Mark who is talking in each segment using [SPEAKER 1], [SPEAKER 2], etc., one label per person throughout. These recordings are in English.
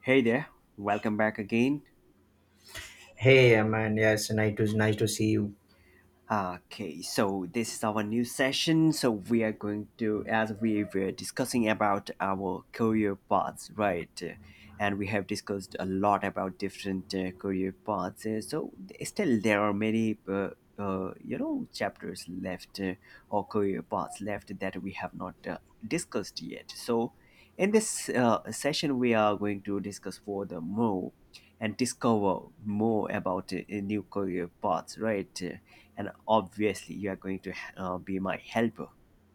[SPEAKER 1] Hey there, welcome back again.
[SPEAKER 2] Hey, man. Yes, nice to see you.
[SPEAKER 1] Okay, so this is our new session. So we are going to, as we were discussing about our career paths, right? And we have discussed a lot about different career paths. So still, there are many, chapters left or career paths left that we have not discussed yet. So in this session, we are going to discuss further more and discover more about new career paths, right? And obviously you are going to be my helper,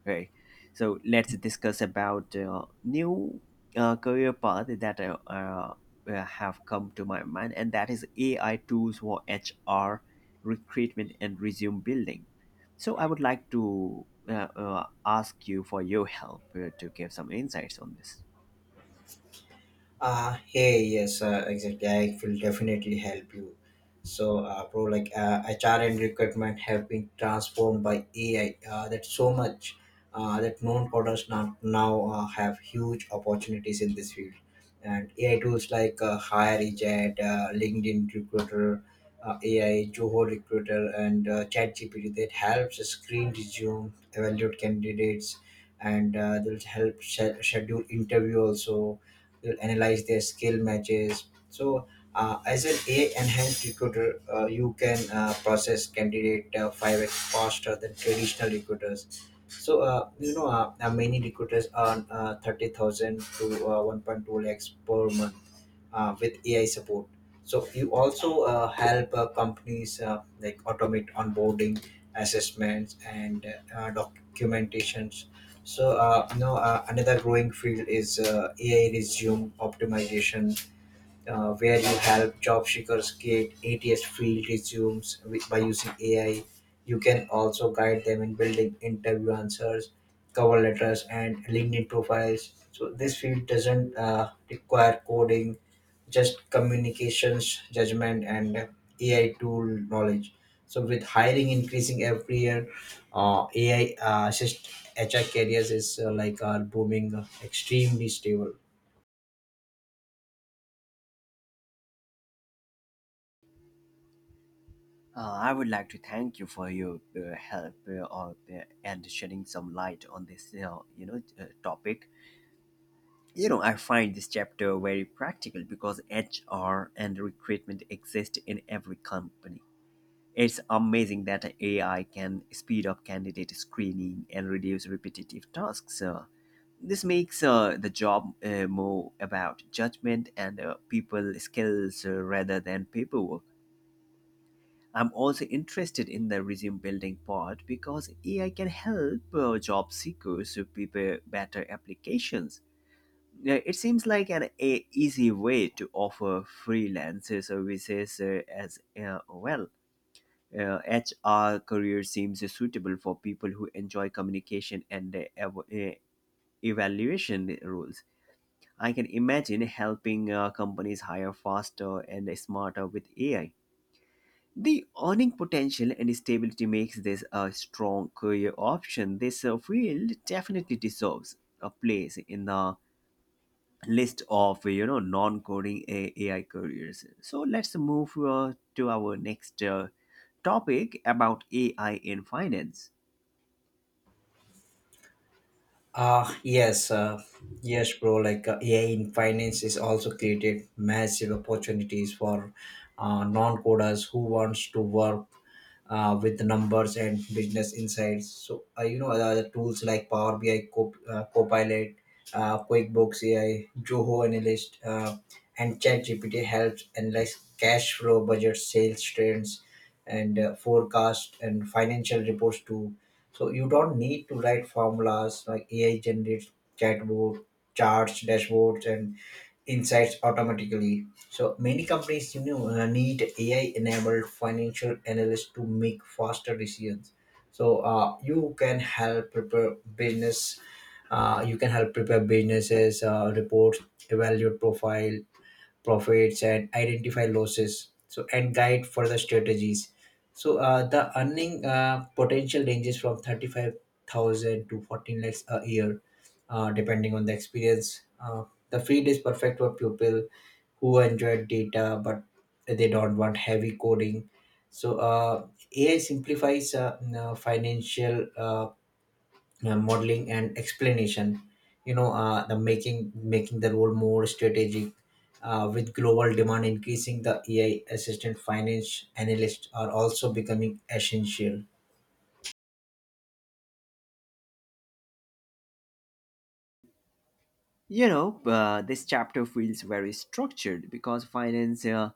[SPEAKER 1] right? So let's discuss about new career path that have come to my mind, and that is ai tools for hr recruitment and resume building. So I would like to ask you for your help to give some insights on this.
[SPEAKER 2] Hey, yes, exactly. I will definitely help you. So, bro, like HR and recruitment have been transformed by AI. That's so much that known products now have huge opportunities in this field. And AI tools like HireJet, LinkedIn Recruiter, AI, Joho Recruiter, and ChatGPT that helps screen resume, evaluate candidates, and they'll help schedule interview also. You'll analyze their skill matches. So as an AI enhanced recruiter, you can process candidate 5x faster than traditional recruiters. So, many recruiters earn 30,000 to 1.2 lakhs per month with AI support. So, you also help companies like automate onboarding, assessments, and documentations. So another growing field is AI resume optimization, where you help job seekers create ATS field resumes with, by using AI. You can also guide them in building interview answers, cover letters, and LinkedIn profiles. So this field doesn't require coding, just communications, judgment and AI tool knowledge. So with hiring increasing every year, AI assist HR careers is like are booming, extremely stable.
[SPEAKER 1] I would like to thank you for your help and shedding some light on this, topic. You know, I find this chapter very practical because HR and recruitment exist in every company. It's amazing that AI can speed up candidate screening and reduce repetitive tasks. This makes the job more about judgment and people skills rather than paperwork. I'm also interested in the resume building part because AI can help job seekers to prepare better applications. Yeah, it seems like an a easy way to offer freelance services as well. Uh, HR career seems suitable for people who enjoy communication and evaluation roles. I can imagine helping companies hire faster and smarter with AI. The earning potential and stability makes this a strong career option. This field definitely deserves a place in the list of non-coding AI careers. So let's move to our next topic about AI in finance.
[SPEAKER 2] uh yes uh, yes, bro, like AI in finance is also created massive opportunities for non coders who wants to work with the numbers and business insights. So the tools like Power BI, Copilot, QuickBooks AI, Joho Analyst, and ChatGPT helps analyze cash flow, budget, sales trends, and forecast and financial reports too. So you don't need to write formulas like AI generates chatbot charts, dashboards, and insights automatically. So many companies, you know, need AI-enabled financial analysts to make faster decisions. So you can help prepare business. You can help prepare businesses reports, evaluate profile, profits and identify losses, so and guide further strategies. So the earning potential ranges from 35,000 to 14 lakhs a year, depending on the experience. The field is perfect for people who enjoy data but they don't want heavy coding. So AI simplifies financial modeling and explanation, you know. The Making the role more strategic, with global demand increasing, the AI assistant finance analysts are also becoming essential.
[SPEAKER 1] This chapter feels very structured because finance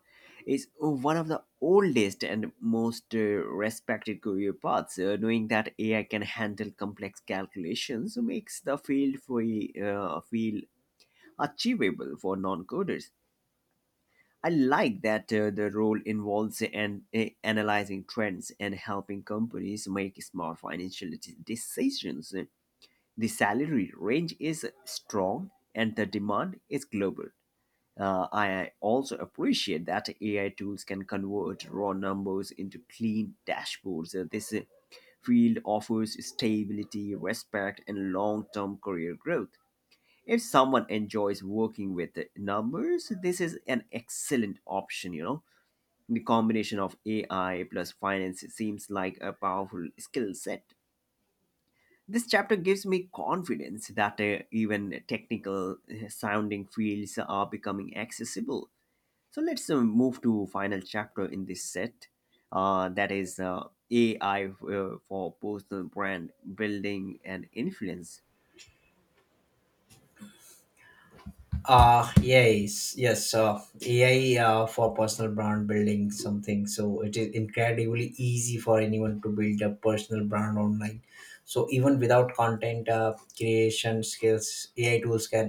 [SPEAKER 1] is one of the oldest and most respected career paths. Knowing that AI can handle complex calculations makes the field feel achievable for non-coders. I like that the role involves analyzing trends and helping companies make smart financial decisions. The salary range is strong and the demand is global. I also appreciate that AI tools can convert raw numbers into clean dashboards. This field offers stability, respect, and long term career growth. If someone enjoys working with the numbers, this is an excellent option, you know. The combination of AI plus finance seems like a powerful skill set. This chapter gives me confidence that even technical sounding fields are becoming accessible. So let's move to final chapter in this set. That is AI for personal brand building and influence.
[SPEAKER 2] Yes. AI for personal brand building something. So it is incredibly easy for anyone to build a personal brand online. So even without content creation skills, AI tools can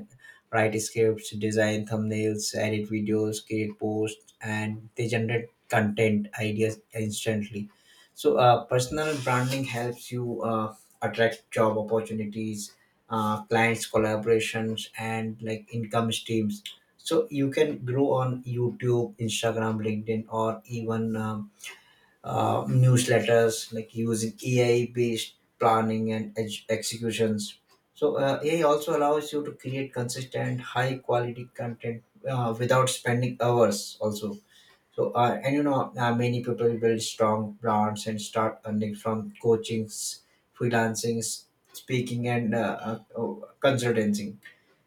[SPEAKER 2] write scripts, design thumbnails, edit videos, create posts, and they generate content ideas instantly. So personal branding helps you attract job opportunities, clients, collaborations and like income streams. So you can grow on YouTube, Instagram, LinkedIn or even newsletters, like using AI based planning and executions. So AI also allows you to create consistent high quality content without spending hours also. So, many people build strong brands and start earning from coachings, freelancing, speaking, and consultancy.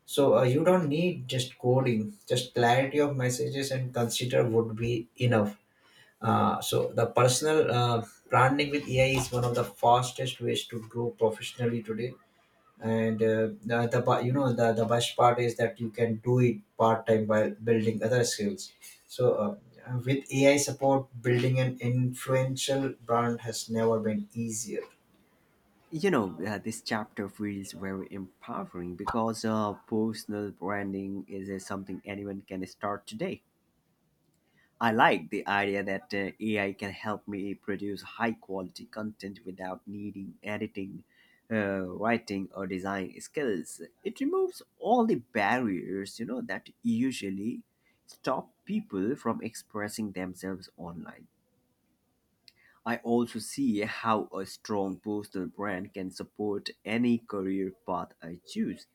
[SPEAKER 2] So, you don't need just coding, just clarity of messages and consider would be enough. So, the personal branding with AI is one of the fastest ways to grow professionally today. And the bu- you know the best part is that you can do it part time by building other skills. So with AI support, building an influential brand has never been easier.
[SPEAKER 1] This chapter feels very empowering because personal branding is something anyone can start today. I like the idea that AI can help me produce high quality content without needing editing, writing, or design skills. It removes all the barriers, you know, that usually stop people from expressing themselves online. I also see how a strong personal brand can support any career path I choose.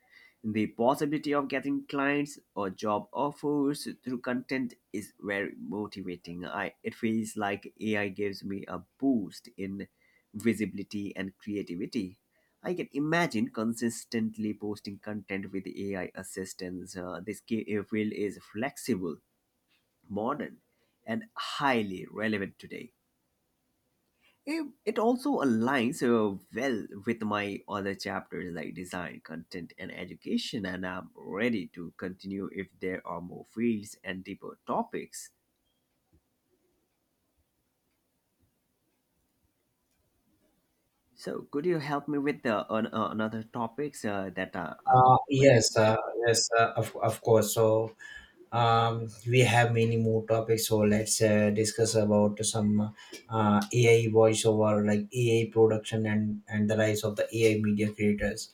[SPEAKER 1] The possibility of getting clients or job offers through content is very motivating. I, it feels like AI gives me a boost in visibility and creativity. I can imagine consistently posting content with AI assistance. This field is flexible, modern, and highly relevant today. It also aligns well with my other chapters like design, content, and education, and I'm ready to continue if there are more fields and deeper topics. So, could you help me with another topics that are
[SPEAKER 2] Uh, yes,
[SPEAKER 1] relevant?
[SPEAKER 2] uh, yes, of course. So, we have many more topics. So let's discuss about some AI voiceover, like AI production and the rise of the AI media creators.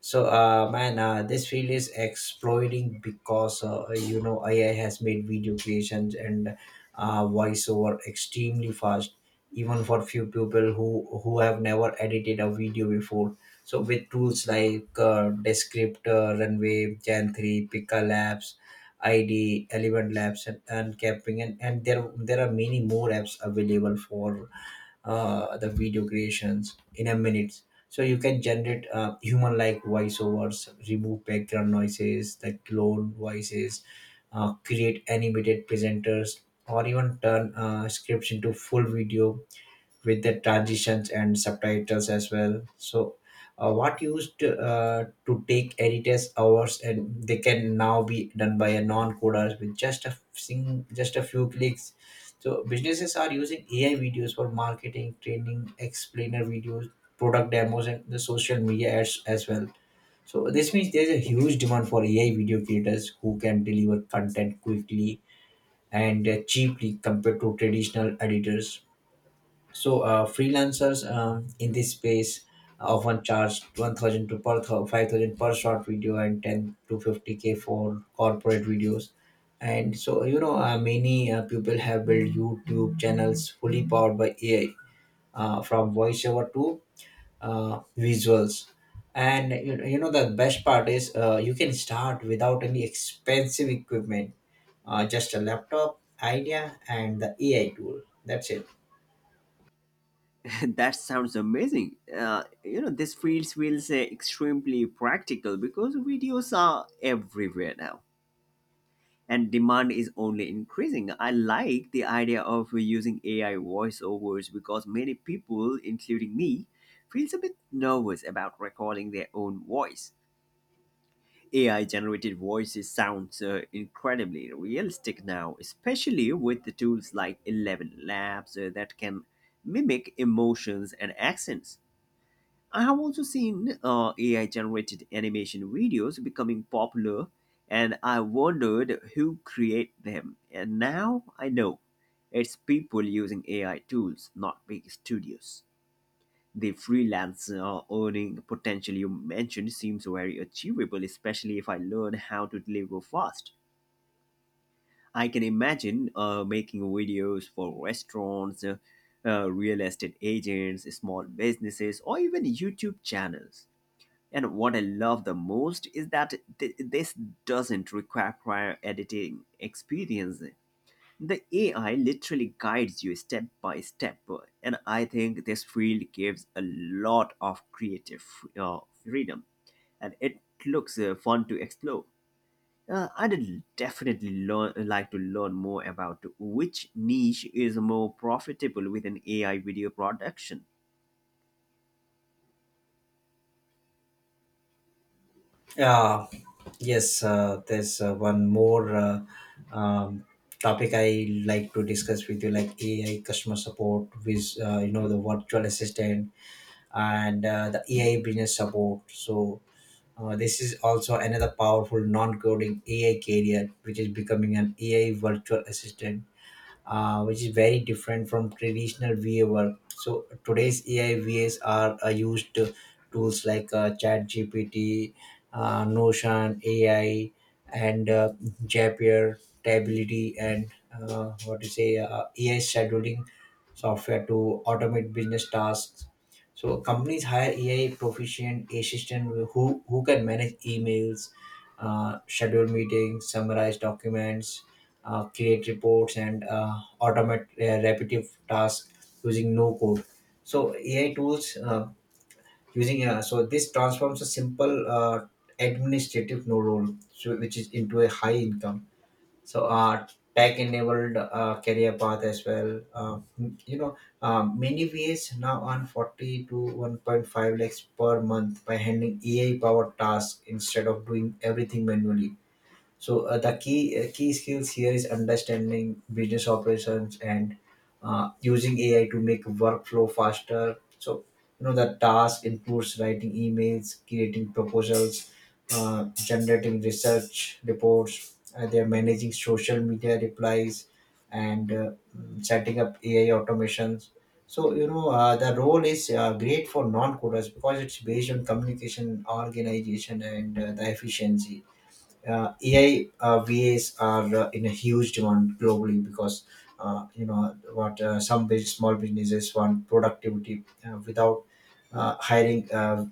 [SPEAKER 2] So, man, this field is exploding because you know AI has made video creations and voiceover extremely fast, even for few people who have never edited a video before. So, with tools like Descriptor, Runway, Gen Three, Pika Labs, ID, Element Labs, and Capping, and there are many more apps available for the video creations in a minute. So you can generate human-like voiceovers, remove background noises, the clone voices, create animated presenters, or even turn scripts into full video with the transitions and subtitles as well. So, what used to take editors hours, and they can now be done by a non-coders with just a few clicks. So, businesses are using AI videos for marketing, training, explainer videos, product demos, and the social media ads as well. So, this means there's a huge demand for AI video creators who can deliver content quickly and cheaply compared to traditional editors. So freelancers in this space often charge 1,000 to 5,000 per short video and 10 to 50k for corporate videos. And so you know, many people have built YouTube channels fully powered by AI, from voiceover to visuals. And you know, the best part is you can start without any expensive equipment, just a laptop, idea, and the AI tool. That's it.
[SPEAKER 1] That sounds amazing. You know, this fields will say extremely practical because videos are everywhere now. And demand is only increasing. I like the idea of using AI voiceovers because many people, including me, feels a bit nervous about recording their own voice. AI generated voices sounds incredibly realistic now, especially with the tools like 11 Labs that can mimic emotions and accents. I have also seen AI generated animation videos becoming popular, and I wondered who create them. And now I know it's people using AI tools, not big studios. The freelance earning potential you mentioned seems very achievable, especially if I learn how to deliver fast. I can imagine making videos for restaurants, real estate agents, small businesses, or even YouTube channels. And what I love the most is that this doesn't require prior editing experience. The AI literally guides you step by step, and I think this field gives a lot of creative freedom, and it looks fun to explore. I'd like to learn more about which niche is more profitable with an AI video production.
[SPEAKER 2] Yeah, Yes, there's one more um, topic I like to discuss with you, like AI customer support, with you know, the virtual assistant and the AI business support. So this is also another powerful non-coding AI career, which is becoming an AI virtual assistant, which is very different from traditional VA work. So today's AI As are used to tools like ChatGPT, Notion, AI, and Zapier, Tableity, and AI scheduling software to automate business tasks. So companies hire AI proficient assistant who can manage emails, schedule meetings, summarize documents, create reports and automate repetitive tasks using no code. So AI tools using so this transforms a simple administrative no role so, which is into a high income, so tech enabled career path as well. You know Many ways now earn 40 to 1.5 lakhs per month by handling AI powered tasks instead of doing everything manually. So The key skills here is understanding business operations and using AI to make workflow faster. So you know, the task includes writing emails, creating proposals, generating research reports. They are managing social media replies and setting up AI automations. So you know, the role is great for non-coders because it's based on communication, organization, and the efficiency. AI VAs are in a huge demand globally because you know what some small businesses want productivity without hiring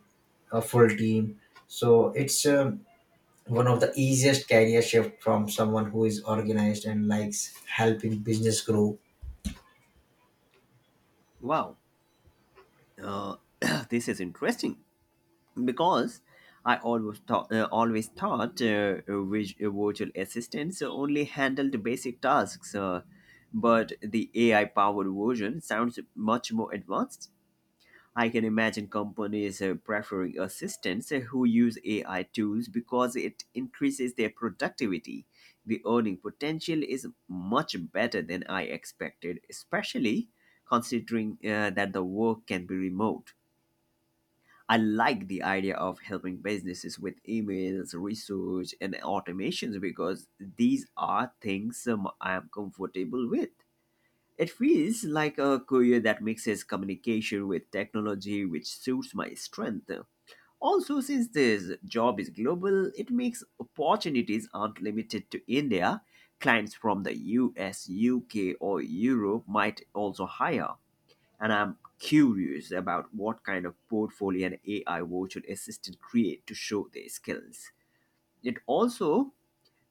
[SPEAKER 2] a full team. So it's one of the easiest career shift from someone who is organized and likes helping business grow.
[SPEAKER 1] Wow, uh, this is interesting, because I always thought which virtual assistants only handled basic tasks, but the AI powered version sounds much more advanced. I can imagine companies preferring assistants who use AI tools because it increases their productivity. The earning potential is much better than I expected, especially considering that the work can be remote. I like the idea of helping businesses with emails, research, and automations because these are things I am comfortable with. It feels like a career that mixes communication with technology, which suits my strength. Also, since this job is global, it makes opportunities aren't limited to India. Clients from the US, UK, or Europe might also hire, and I'm curious about what kind of portfolio an AI virtual assistant create to show their skills. It also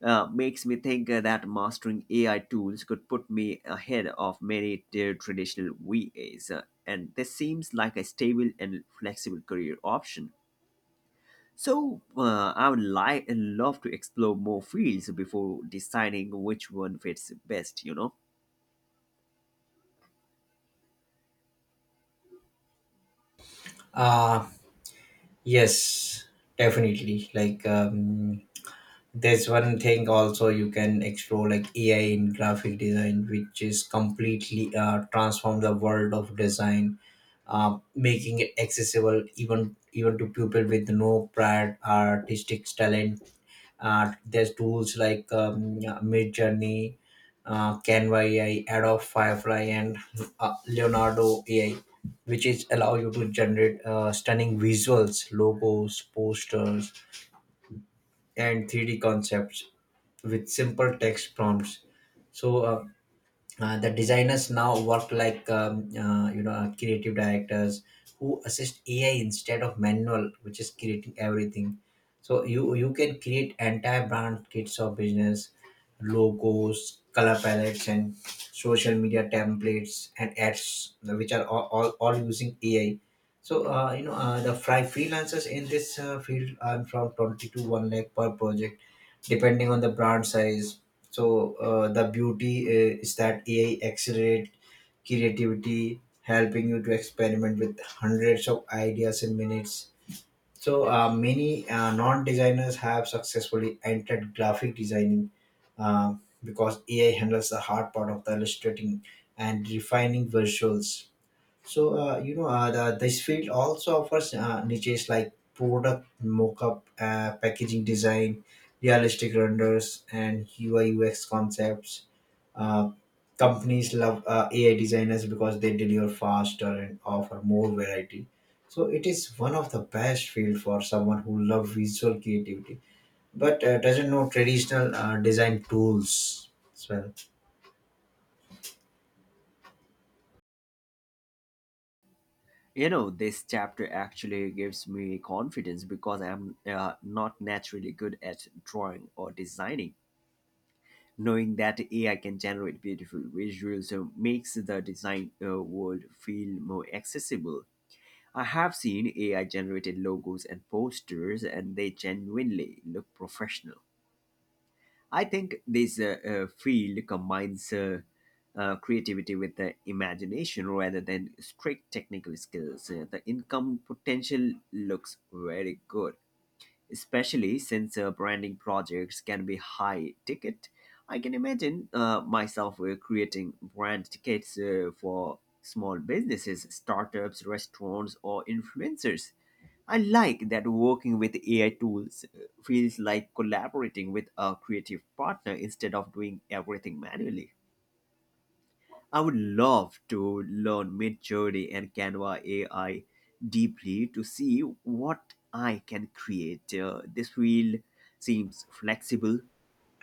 [SPEAKER 1] makes me think that mastering AI tools could put me ahead of many traditional VAs, and this seems like a stable and flexible career option. So I would love to explore more fields before deciding which one fits best. You know.
[SPEAKER 2] Uh, yes, Definitely. There's one thing also you can explore, like AI in graphic design, which is completely transform the world of design, making it accessible even to people with no prior artistic talent. There's tools like mid journey Canva AI, Adobe Firefly, and Leonardo AI, which is allow you to generate stunning visuals, logos, posters and 3D concepts with simple text prompts. So the designers now work like creative directors who assist AI instead of manual, which is creating everything. So you can create entire brand kits of business, logos, color palettes, and social media templates and ads, which are all using AI. So the fry freelancers in this field earn from 20 to one lakh per project depending on the brand size. So the beauty is that AI accelerate creativity, helping you to experiment with hundreds of ideas in minutes. So many non-designers have successfully entered graphic designing uh, because AI handles the hard part of the illustrating and refining visuals. So this field also offers niches like product mock-up, packaging design, realistic renders, and UI UX concepts. Uh, Companies love AI designers because they deliver faster and offer more variety. So it is one of the best field for someone who loves visual creativity, but doesn't know traditional design tools. So
[SPEAKER 1] You know, this chapter actually gives me confidence because I'm not naturally good at drawing or designing. Knowing that ai can generate beautiful visuals makes the design world feel more accessible. I have seen ai generated logos and posters and they genuinely look professional. I think this field combines creativity with the imagination rather than strict technical skills. The income potential looks very good, especially since branding projects can be high ticket. I can imagine myself creating brand tickets for small businesses, startups, restaurants, or influencers. I like that working with AI tools feels like collaborating with a creative partner instead of doing everything manually. I would love to learn Midjourney and Canva AI deeply to see what I can create. This field seems flexible,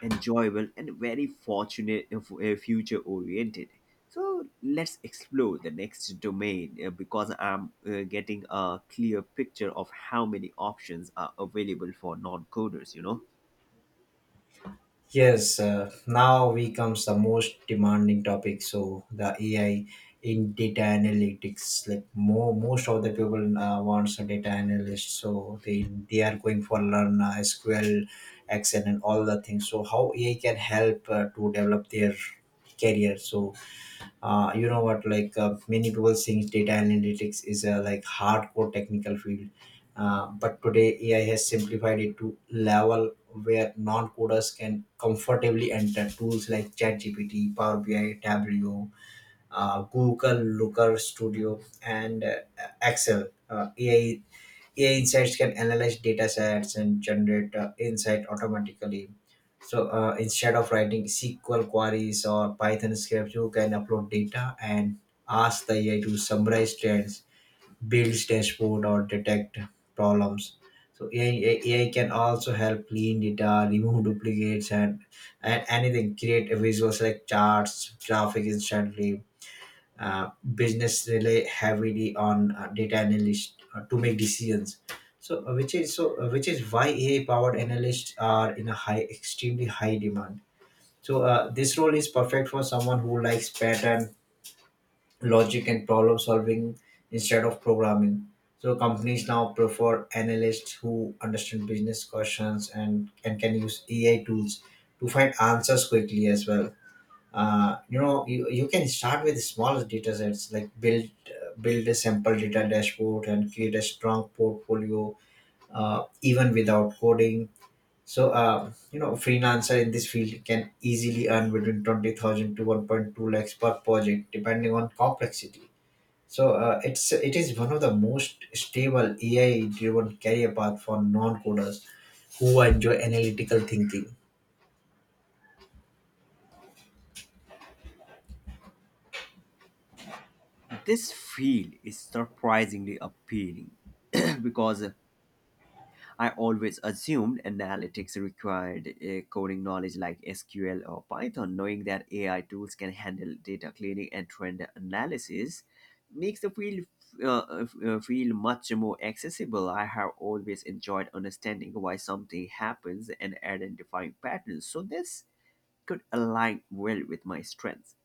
[SPEAKER 1] enjoyable, and very fortunate and future oriented. So let's explore the next domain because I'm getting a clear picture of how many options are available for non coders, you know.
[SPEAKER 2] yes, now we comes the most demanding topic. So the AI in data analytics, like more most of the people wants a data analyst. So they are going for learn SQL, Excel, and all the things. So how AI can help to develop their career. So you know what like many people think data analytics is a like hardcore technical field, but today AI has simplified it to level where non-coders can comfortably enter tools like ChatGPT, Power BI, Tableau, Google Looker Studio, and excel ai AI insights can analyze data sets and generate insight automatically. So, instead of writing SQL queries or Python scripts, you can upload data and ask the AI to summarize trends, build dashboard, or detect problems. So AI can also help clean data, remove duplicates, and anything. Create visuals like charts, graphic instantly. Business rely heavily on data analysts to make decisions, so which is why AI powered analysts are in a high extremely high demand. So, this role is perfect for someone who likes pattern, logic, and problem solving instead of programming. So companies now prefer analysts who understand business questions and can use AI tools to find answers quickly as well. You can start with small data sets, like build a simple data dashboard and create a strong portfolio, even without coding. So, you know, freelancer in this field can easily earn between 20,000 to 1.2 lakhs per project depending on complexity. So, it is one of the most stable AI driven career path for non coders who enjoy analytical thinking.
[SPEAKER 1] This field is surprisingly appealing, because I always assumed analytics required coding knowledge like SQL or Python. Knowing that AI tools can handle data cleaning and trend analysis makes the field feel much more accessible. I have always enjoyed understanding why something happens and identifying patterns, so this could align well with my strengths.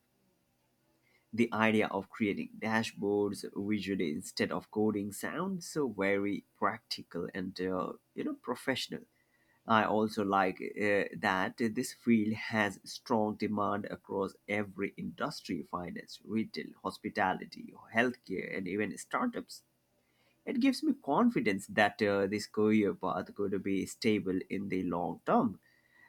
[SPEAKER 1] The idea of creating dashboards visually instead of coding sounds so very practical and professional. I also like that this field has strong demand across every industry: finance, retail, hospitality, healthcare, and even startups. It gives me confidence that this career path could be stable in the long term.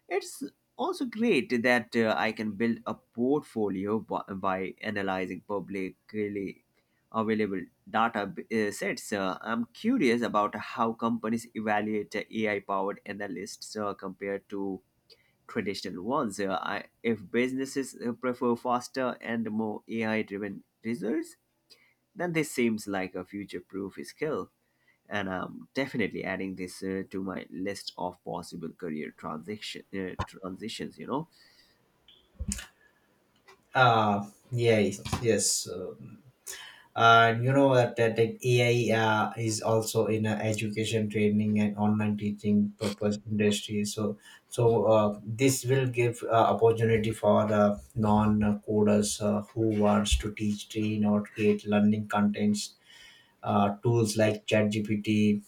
[SPEAKER 1] It's also great that I can build a portfolio by analyzing publicly available data sets. I'm curious about how companies evaluate AI powered analysts compared to traditional ones. If businesses prefer faster and more AI driven results, then this seems like a future proof skill, and I'm definitely adding this to my list of possible career transitions.
[SPEAKER 2] uh yeah. Yes. And you know that AI is also in education, training, and online teaching purpose industry. So, this will give opportunity for non coders who wants to teach, train, or create learning contents. Tools like ChatGPT,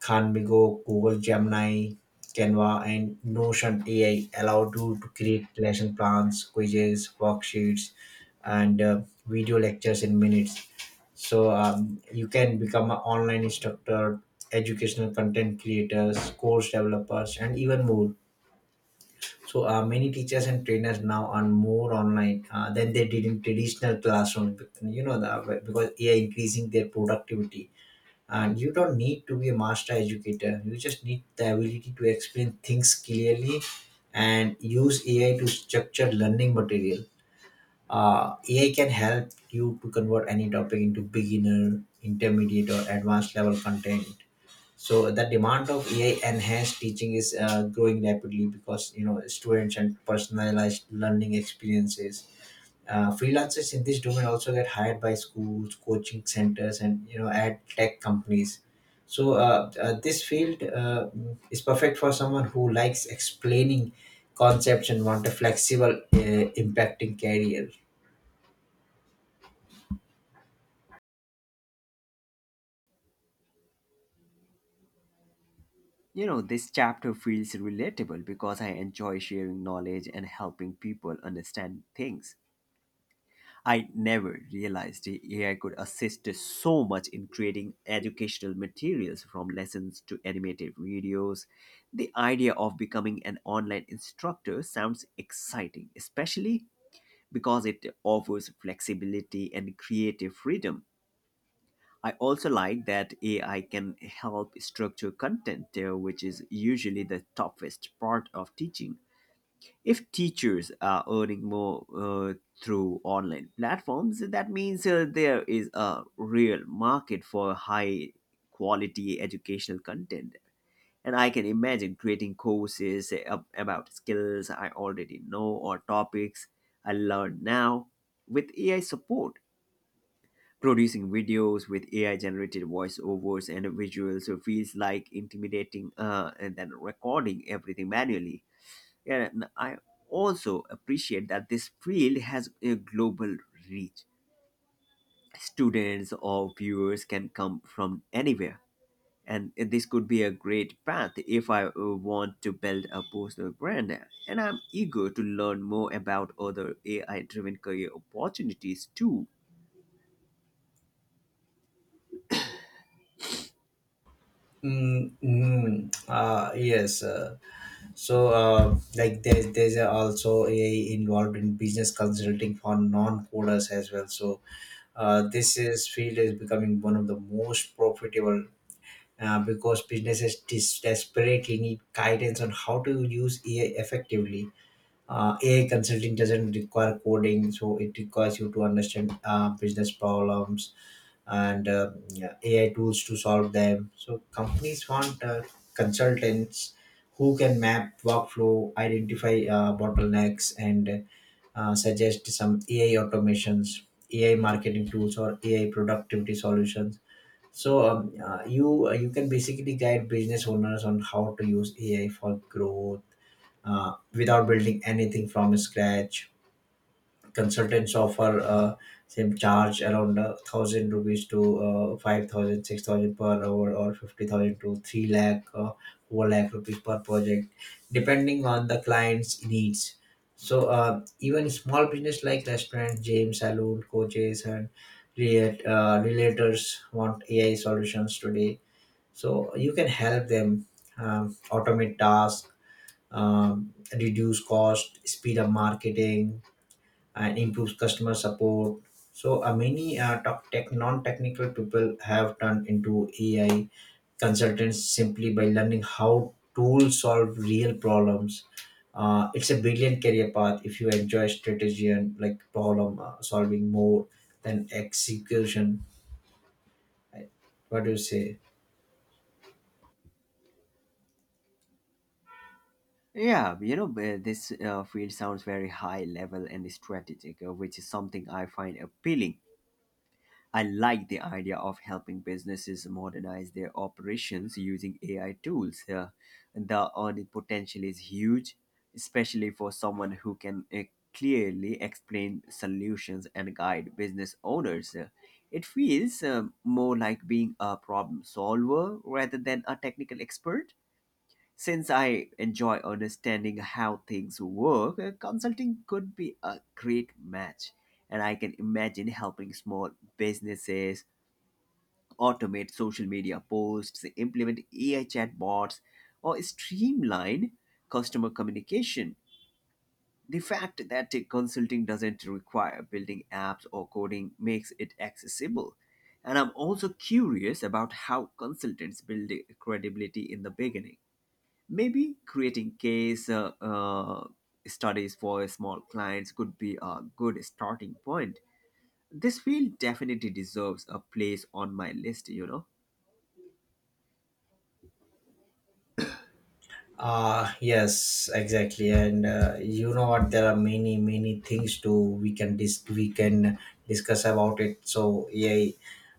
[SPEAKER 2] Canvigo, Google Gemini, Canva, and Notion AI allowed you to create lesson plans, quizzes, worksheets, and video lectures in minutes. So, you can become an online instructor, educational content creators, course developers, and even more. So, many teachers and trainers now are more online than they did in traditional classrooms. You know that, because AI increasing their productivity, and you don't need to be a master educator, you just need the ability to explain things clearly and use AI to structure learning material. AI can help you to convert any topic into beginner, intermediate, or advanced level content. So the demand of AI enhanced teaching is growing rapidly, because you know, students and personalized learning experiences. Freelancers in this domain also get hired by schools, coaching centers, and you know, ad tech companies. So this field is perfect for someone who likes explaining concepts and want a flexible, impacting career.
[SPEAKER 1] You know, this chapter feels relatable because I enjoy sharing knowledge and helping people understand things. I never realized the AI could assist so much in creating educational materials from lessons to animated videos. The idea of becoming an online instructor sounds exciting, especially because it offers flexibility and creative freedom. I also like that AI can help structure content, which is usually the toughest part of teaching. If teachers are earning more through online platforms, that means there is a real market for high quality educational content. And I can imagine creating courses about skills I already know or topics I learn now with AI support. Producing videos with AI generated voiceovers and visuals feels like intimidating and then recording everything manually. Yeah, and I also appreciate that this field has a global reach. Students or viewers can come from anywhere. And this could be a great path if I want to build a personal brand. And I'm eager to learn more about other AI driven career opportunities too.
[SPEAKER 2] Mm, mm, yes. So there's also AI involved in business consulting for non coders as well. So, this is field is becoming one of the most profitable, because businesses desperately need guidance on how to use AI effectively. AI consulting doesn't require coding, so it requires you to understand business problems and, yeah, AI tools to solve them. So companies want consultants who can map workflow, identify bottlenecks, and suggest some AI automations, AI marketing tools, or AI productivity solutions. So you can basically guide business owners on how to use AI for growth, without building anything from scratch. Consultants offer same charge around 1,000 rupees to 5,000, 6,000 per hour, or 50,000 to 3 lakh, 4 lakh rupees per project, depending on the client's needs. So, even small business like restaurant, gym, saloon, coaches, and relators want AI solutions today, so you can help them, automate tasks, reduce cost, speed up marketing, and improve customer support. So many top tech non-technical people have turned into AI consultants simply by learning how tools solve real problems. It's a brilliant career path if you enjoy strategy and like problem solving more than execution. What do you say?
[SPEAKER 1] Yeah, you know, this field sounds very high level and strategic, which is something I find appealing. I like the idea of helping businesses modernize their operations using AI tools. The earning potential is huge, especially for someone who can clearly explain solutions and guide business owners. It feels more like being a problem solver rather than a technical expert. Since I enjoy understanding how things work, consulting could be a great match. And I can imagine helping small businesses automate social media posts, implement AI chatbots, or streamline customer communication. The fact that consulting doesn't require building apps or coding makes it accessible. And I'm also curious about how consultants build credibility in the beginning. Maybe creating case studies for small clients could be a good starting point. This field definitely deserves a place on my list, you know.
[SPEAKER 2] Ah, yes, exactly. And you know what? There are many, many things to we can we can discuss about it. So yeah.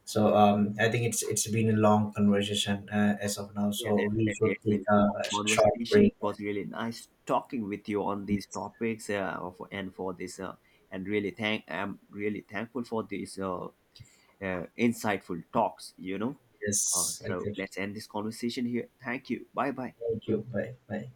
[SPEAKER 2] I think it's been a long conversation as of now.
[SPEAKER 1] Yeah,
[SPEAKER 2] So we
[SPEAKER 1] definitely.
[SPEAKER 2] should
[SPEAKER 1] It's
[SPEAKER 2] take
[SPEAKER 1] been a
[SPEAKER 2] a
[SPEAKER 1] long
[SPEAKER 2] short
[SPEAKER 1] conversation. It
[SPEAKER 2] break.
[SPEAKER 1] was really nice talking with you on these topics and for this. And really thank I'm really thankful for these insightful talks, you know.
[SPEAKER 2] Yes,
[SPEAKER 1] So
[SPEAKER 2] exactly.
[SPEAKER 1] let's end this conversation here. Thank you. Bye bye.
[SPEAKER 2] Thank you. Bye. Bye.